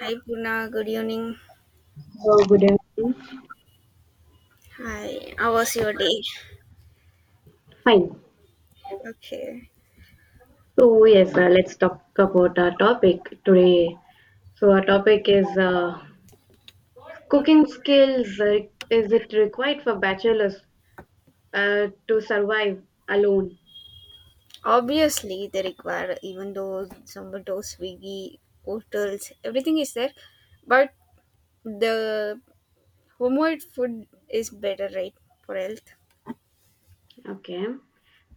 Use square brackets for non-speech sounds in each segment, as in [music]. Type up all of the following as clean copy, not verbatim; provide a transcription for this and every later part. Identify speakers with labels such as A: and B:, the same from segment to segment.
A: Hi Puna, good evening.
B: So good evening.
A: Hi, how was your day?
B: Fine.
A: Okay.
B: So yes, let's talk about our topic today. So our topic is cooking skills. Is it required for bachelors to survive alone?
A: Obviously, they require even though Zomato, Swiggy, portals, everything is there, but the homemade food is better, right, for health.
B: Okay,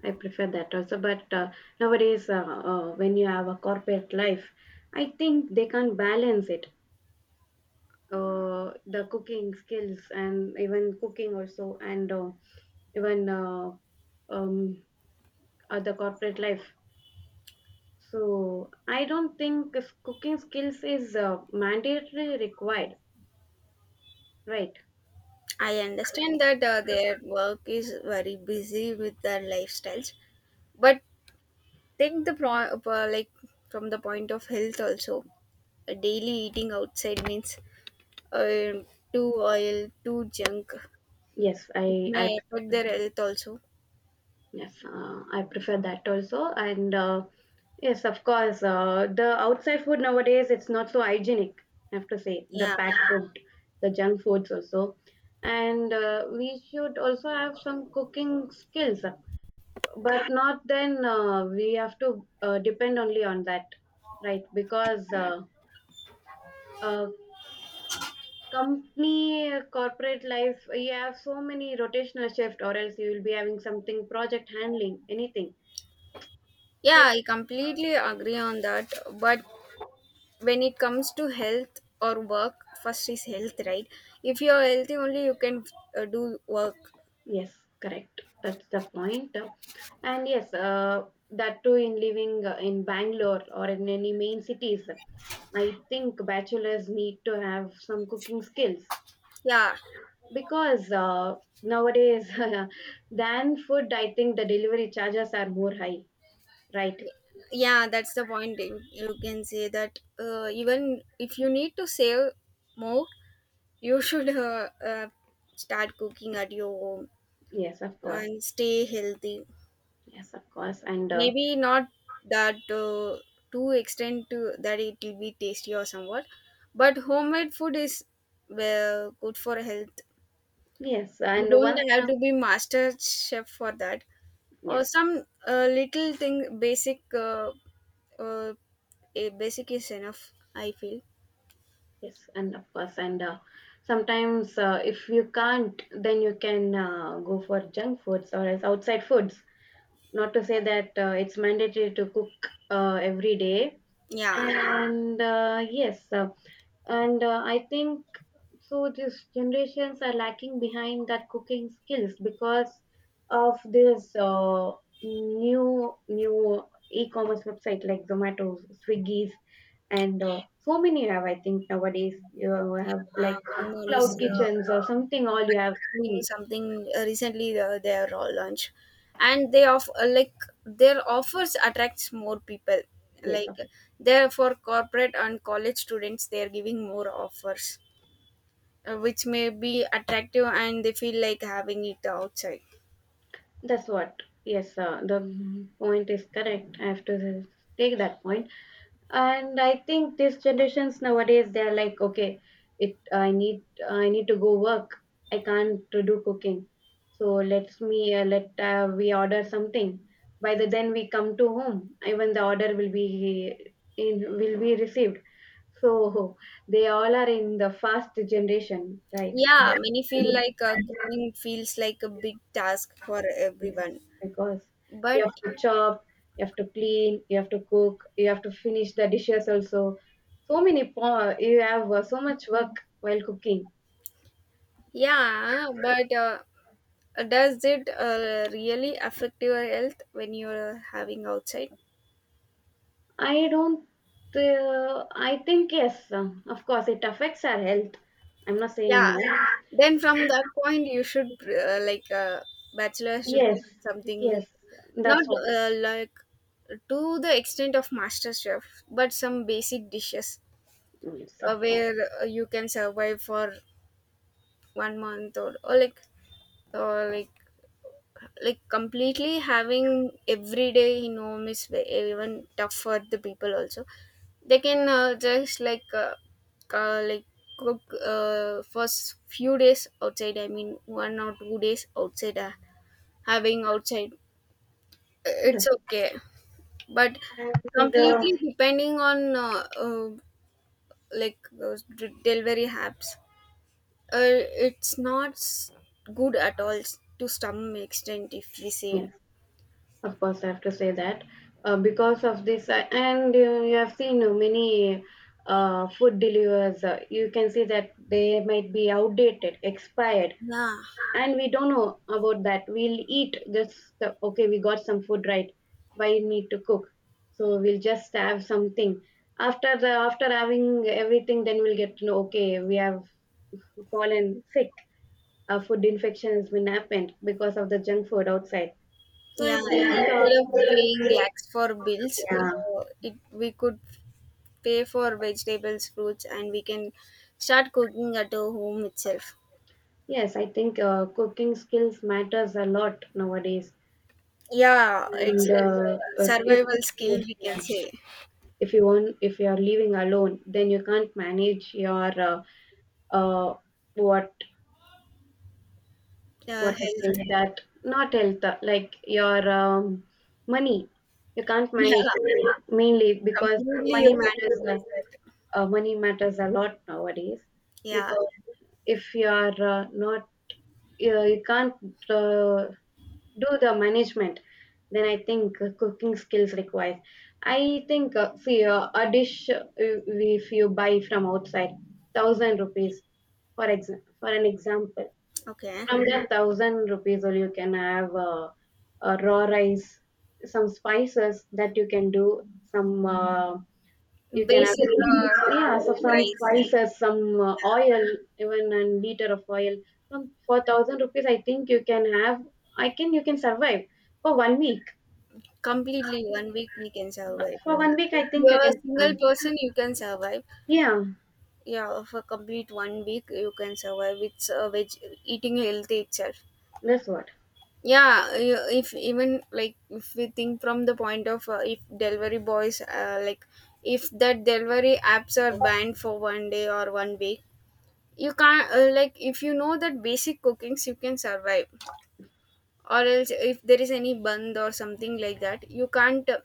B: I prefer that also. But nowadays, when you have a corporate life, I think they can't balance it. The cooking skills and even cooking also, and even um, the corporate life. So I don't think if cooking skills is mandatorily required, right?
A: I understand that their work is very busy with their lifestyles, but take the pro like from the point of health also. Daily eating outside means uh, too oil, too junk.
B: Yes,
A: It
B: I I
A: may affect
B: prefer-
A: their health also.
B: yes, I prefer that also, and yes, of course, the outside food nowadays, it's not so hygienic. I have to say the
A: Yeah.
B: packed food, the junk foods also, and we should also have some cooking skills, but not then we have to depend only on that, right? Because uh, company corporate life, you have so many rotational shift or else you will be having something, project handling, anything. So
A: Yeah, I completely agree on that. But when it comes to health or work, first is health, right? If you're healthy only, you can do work.
B: yes, correct, that's the point. And yes, that too in living in Bangalore or in any main cities, I think bachelors need to have some cooking skills
A: Yeah.
B: because nowadays [laughs] than food, I think the delivery charges are more high, right?
A: Yeah, that's the point. You can say that even if you need to save more, you should start cooking at your home
B: Yes, of course.
A: and stay healthy.
B: Yes, of course, and
A: Maybe not that to extent to that it will be tasty or somewhat, but homemade food is well good for health.
B: yes.
A: You
B: And once
A: don't have
B: now,
A: to be master chef for that, or
B: yes,
A: some little thing basic uh, a basic is enough, I feel.
B: yes, and of course, and sometimes if you can't, then you can go for junk foods or else outside foods. Not to say that it's mandatory to cook every day.
A: Yeah.
B: And yes, and I think so. These generations are lacking behind that cooking skills because of this new e-commerce website, like Zomato, Swiggy's, and so many. Have I think nowadays you have like
A: One more
B: cloud
A: is
B: kitchens or something. All you have so
A: doing
B: many.
A: something recently their launch, and they off like their offers attracts more people.
B: Yes
A: Like, they're for corporate and college students, they are giving more offers which may be attractive and they feel like having it outside.
B: that's what. Yes, the point is correct, I have to take that point. And I think these generations nowadays, they're like, okay, it I need, I need to go work, I can't to do cooking, so let's me let we order something by the, then we come to home, even the order will be in will be received. So they all are in the fast generation, right?
A: Yeah, many feel
B: Yes,
A: like cooking feels like a big task for everyone.
B: because you
A: But
B: have to chop, you have to clean, you have to cook, you have to finish the dishes also. So many you have so much work while cooking.
A: yeah, but does it really affect your health when you're having outside?
B: I don't. I think yes, of course, it affects our health. I'm not
A: Yeah,
B: saying no.
A: then from that point you should bachelor should do
B: Yes,
A: something new,
B: yes,
A: not
B: that's all.
A: like to the extent of master chef, but some basic dishes
B: Yes, of course.
A: where you can survive for 1 month or completely having everyday in home is even tough for the people also. They can just like cook first few days outside, I mean 1 or 2 days outside having outside
B: Yes,
A: it's okay. But
B: and
A: completely depending on like delivery apps uh, it's not good at all, to some extent if we
B: yes.
A: say.
B: Of course, I have to say that because of this, and you have seen many food deliverers. You can see that they might be outdated, expired,
A: Yeah.
B: and we don't know about that. We'll eat just okay. We got some food, right. Why need to cook? So we'll just have something. After the after having everything, then we'll get to know. Okay, we have fallen sick. A food infection has been happened because of the junk food outside. So I
A: Yeah,
B: think.
A: instead of paying
B: Uh,
A: lakhs for bills,
B: yeah,
A: it we could pay for vegetables, fruits, and we can start cooking at our home itself.
B: yes, I think cooking skills matters a lot nowadays.
A: Yeah, it's
B: And
A: like a
B: if
A: survival skill
B: you,
A: we can
B: yes,
A: say.
B: if you own, if you are living alone, then you can't manage your uh, what what I call
A: Health.
B: that, not health, like your money. You can't
A: [laughs] Yeah,
B: manage it, mainly because
A: completely
B: money
A: you can't
B: matters.
A: replace that.
B: Money matters a lot nowadays
A: Yeah.
B: because if you are not, you can't uh, do the management, then I think cooking skills requires. I think see a dish, if you buy from outside, 1000 rupees, for for an example,
A: Okay.
B: from that 1000 rupees, or you can have raw rice, some spices, that you can do some you can have.
A: Basic like
B: Yeah, so
A: level
B: some
A: rice.
B: spices, some oil, even a liter of oil. From for 1000 rupees, I think you can have. I can, you can survive for 1 week.
A: Completely 1 week we can survive.
B: For 1 week, I
A: If you
B: think you
A: are a
B: can survive.
A: single person, you can survive.
B: Yeah,
A: Yeah, for complete 1 week you can survive, it's a veg eating healthy itself.
B: that's what.
A: Yeah, if even like if we think from the point of if delivery boys like if that delivery apps are banned for 1 day or 1 week, you can't like if you know that basic cookings you can survive, or else if there is any band or something like that you can't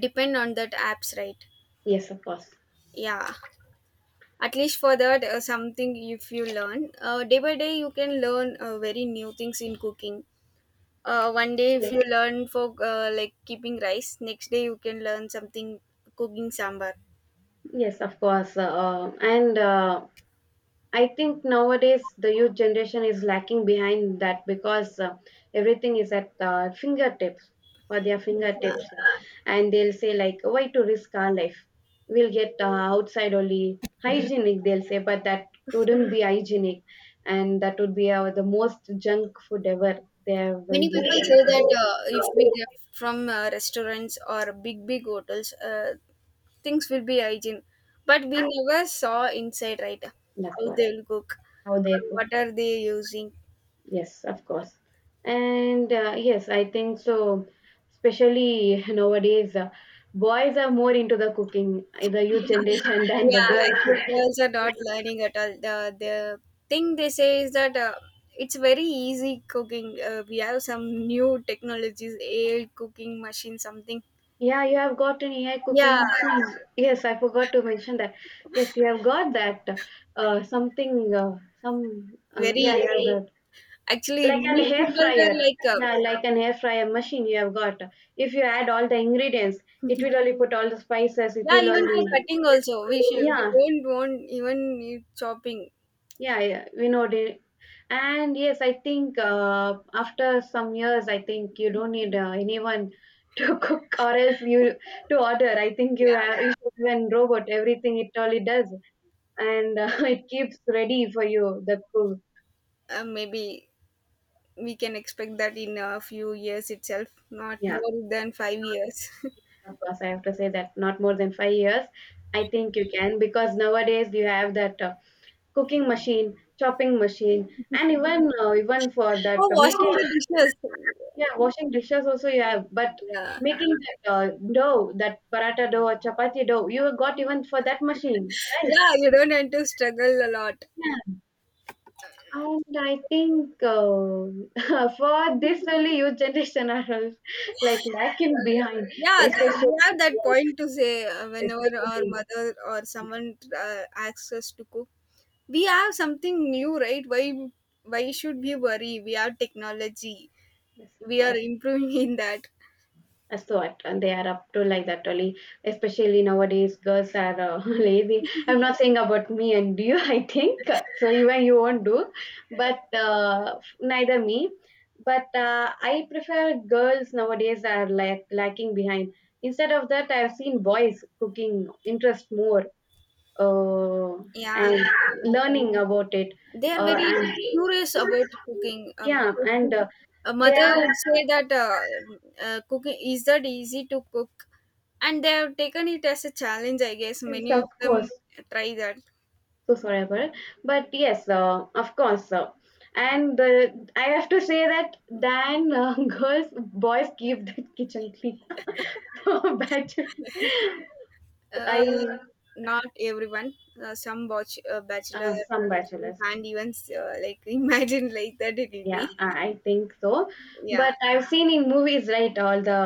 A: depend on that apps, right?
B: Yes, of course.
A: Yeah. At least for that something, if you learn day by day you can learn very new things in cooking 1 day if
B: Yes,
A: you learn for like keeping rice, next day you can learn something, cooking sambar.
B: yes, of course. And I think nowadays the youth generation is lacking behind that because everything is at fingertips or their fingertips, and they'll say like, "Why to risk our life? We'll get outside only hygienic." They'll say, but that wouldn't be hygienic, and that would be the most junk food ever there when
A: Many people
B: he.
A: say that if we get from restaurants or big big hotels things will be hygiene, but we never saw inside, right?
B: That's
A: How
B: what
A: they'll cook
B: how
A: or
B: they.
A: what are they using.
B: Yes, of course. And yes, I think so. Especially [laughs] nowadays, boys are more into the cooking, the youth generation [laughs] than the
A: Yeah,
B: girls.
A: actually, girls are not learning at all. The thing they say is that it's very easy cooking. We have some new technologies, air cooking machine, something.
B: Yeah, you have got an AI cooking
A: Yeah,
B: quiz. Yes, I forgot to mention that. Yes, you have got that. Something, yeah, you
A: very.
B: have got.
A: Actually,
B: Like an
A: many
B: hair
A: people
B: fryer.
A: were like,
B: Yeah, like an hair fryer machine, you have got. If you add all the ingredients, it will only put all the spices, it
A: yeah,
B: will
A: even for
B: only.
A: cutting also,
B: Yeah.
A: we don't want even need chopping.
B: Yeah, yeah, we know it. And yes, I think after some years, I think you don't need anyone [laughs] to cook, or else you to order. I think you
A: Yeah,
B: have, you should have a robot, everything it only does, and [laughs] it keeps ready for you the food.
A: maybe we can expect that in a few years itself, not
B: Yeah,
A: more than 5 years.
B: of course, I have to say that not more than 5 years. I think you can because nowadays you have that cooking machine, chopping machine, and even even for
A: [laughs]
B: that
A: For washing
B: making.
A: the dishes.
B: Yeah, washing dishes also, yeah, but
A: Yeah.
B: making that dough, that paratha dough or chapati dough, you got even for that machine.
A: Yeah, you don't have to struggle a lot.
B: And I think [laughs] for this only, youth generation are all like lacking behind,
A: Yeah,
B: especially,
A: we have that point to say
B: [laughs]
A: whenever our
B: especially
A: mother or someone asks us to cook. We have something new, right? Why should we worry? We have technology.
B: yes, of
A: We are
B: course.
A: improving [laughs] in that.
B: A sort, and they are up to like that only. Especially nowadays girls are [laughs] lazy. I'm not saying about me and you. [laughs] I think so, even you won't do, but neither me. But I prefer girls nowadays are like lacking behind. Instead of that, I've seen boys cooking interest more, uh,
A: Yeah.
B: and
A: And,
B: learning about it,
A: they are very
B: and
A: curious about cooking
B: yeah,
A: because
B: and
A: people, a
B: they
A: mother
B: are,
A: would say that cooking is that easy to cook, and they have taken it as a challenge, I guess
B: yes,
A: many
B: of
A: of them
B: course,
A: try that.
B: so forever. But yes, of course, and the, I have to say that then [laughs] girls boys keep the kitchen clean. [laughs] So bachelor,
A: Uh,
B: I,
A: Not everyone. Some watch Bachelor,
B: some bachelors,
A: and even like [laughs] imagine like that it will
B: yeah,
A: be.
B: I think so.
A: Yeah,
B: But I've seen in movies, right, all the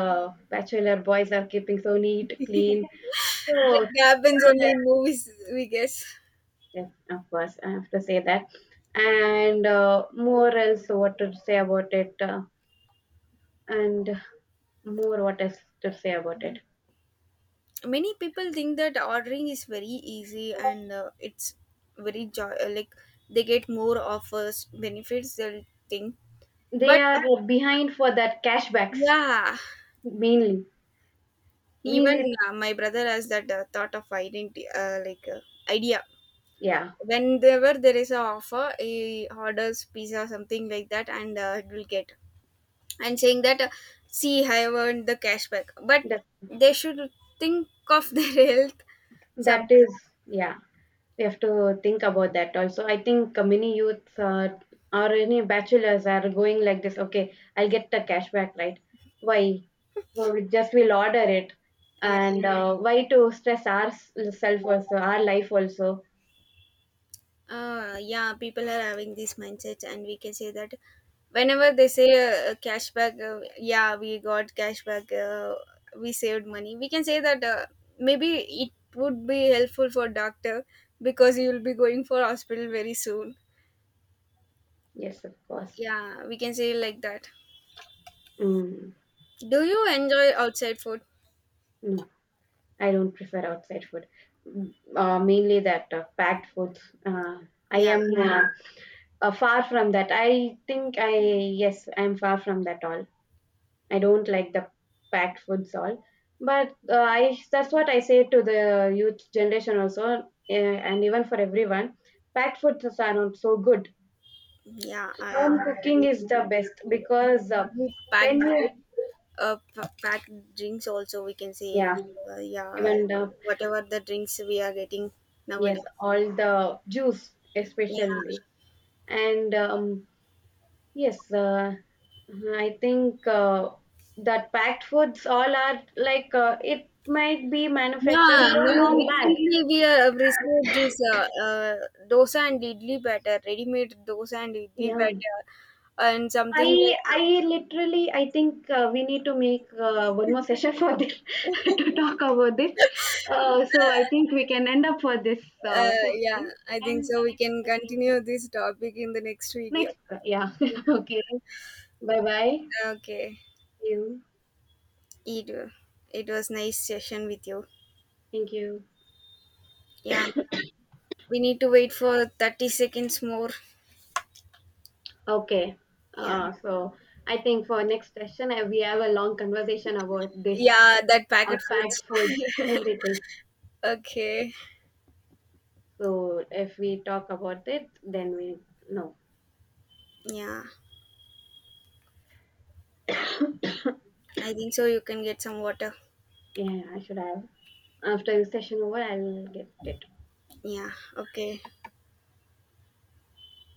B: bachelor boys are keeping so neat clean. So
A: that happens only in movies, we guess.
B: yes, of course, I have to say that. And more else what to say about it, and more what is to say about it.
A: Many people think that ordering is very easy and it's very like they get more offers, benefits, they'll think.
B: They
A: But
B: are behind for that cashbacks
A: yeah,
B: mainly.
A: even
B: Mainly,
A: my brother has that thought of identity, like idea.
B: yeah.
A: Whenever there is a offer, he orders pizza something like that, and it will get and saying that see, I have earned the cash back, but
B: That
A: they should think of [laughs] their health
B: that
A: sometimes.
B: is, yeah. We have to think about that also. I think many youths, or any bachelors are going like this. Okay, I'll get the cashback, right? Why? So we just we'll order it,
A: Yeah,
B: and why to stress ourselves also, our life also?
A: yeah people are having this mindset and we can say that whenever they say cashback yeah we got cashback we saved money, we can say that maybe it would be helpful for doctor because you will be going for hospital very soon.
B: Yes, of course.
A: Yeah, we can say like that.
B: Mm.
A: Do you enjoy outside food?
B: I don't prefer outside food. Mm, mainly that packed foods. Uh, I
A: Yeah,
B: am yeah, far from that. I think I, yes, I am far from that all. I don't like the packed foods all. But I, that's what I say to the youth generation also, and even for everyone. Packed foods are not so good.
A: yeah, I
B: Home cooking is
A: completely
B: the
A: agree with
B: best
A: you.
B: because
A: Not only packed
B: when
A: food,
B: you
A: packed drinks also we can say,
B: yeah,
A: yeah,
B: even the,
A: whatever the drinks we are getting nowadays.
B: yes, all the juice,
A: Yeah,
B: especially,
A: yeah.
B: and yes, I think that packed foods all are like it might be manufactured
A: Now
B: so long [laughs] back.
A: recently we have received this dosa and idli batter, ready-made dosa and idli
B: Yeah,
A: batter, and something
B: I
A: like
B: I literally I think we need to make one more session for this [laughs] to talk about this. So I think we can end up for this session,
A: Yeah, I think
B: and the
A: so. We
B: next
A: can
B: I think,
A: continue this topic in the next video.
B: next, yeah,
A: Yeah.
B: [laughs] okay, bye bye
A: Okay.
B: you,
A: It, it was nice session with you.
B: thank you.
A: Yeah. We need to wait for 30 seconds more.
B: Okay.
A: Yeah.
B: So I think for next session, we have a long conversation about this
A: Yeah, that packet
B: packed
A: foods.
B: foods, everything.
A: [laughs] Okay.
B: So if we talk about it, then we know.
A: Yeah.
B: [laughs]
A: I think so. You can get some water.
B: Yeah, I should have. After the session over, I'll get it.
A: Yeah. Okay.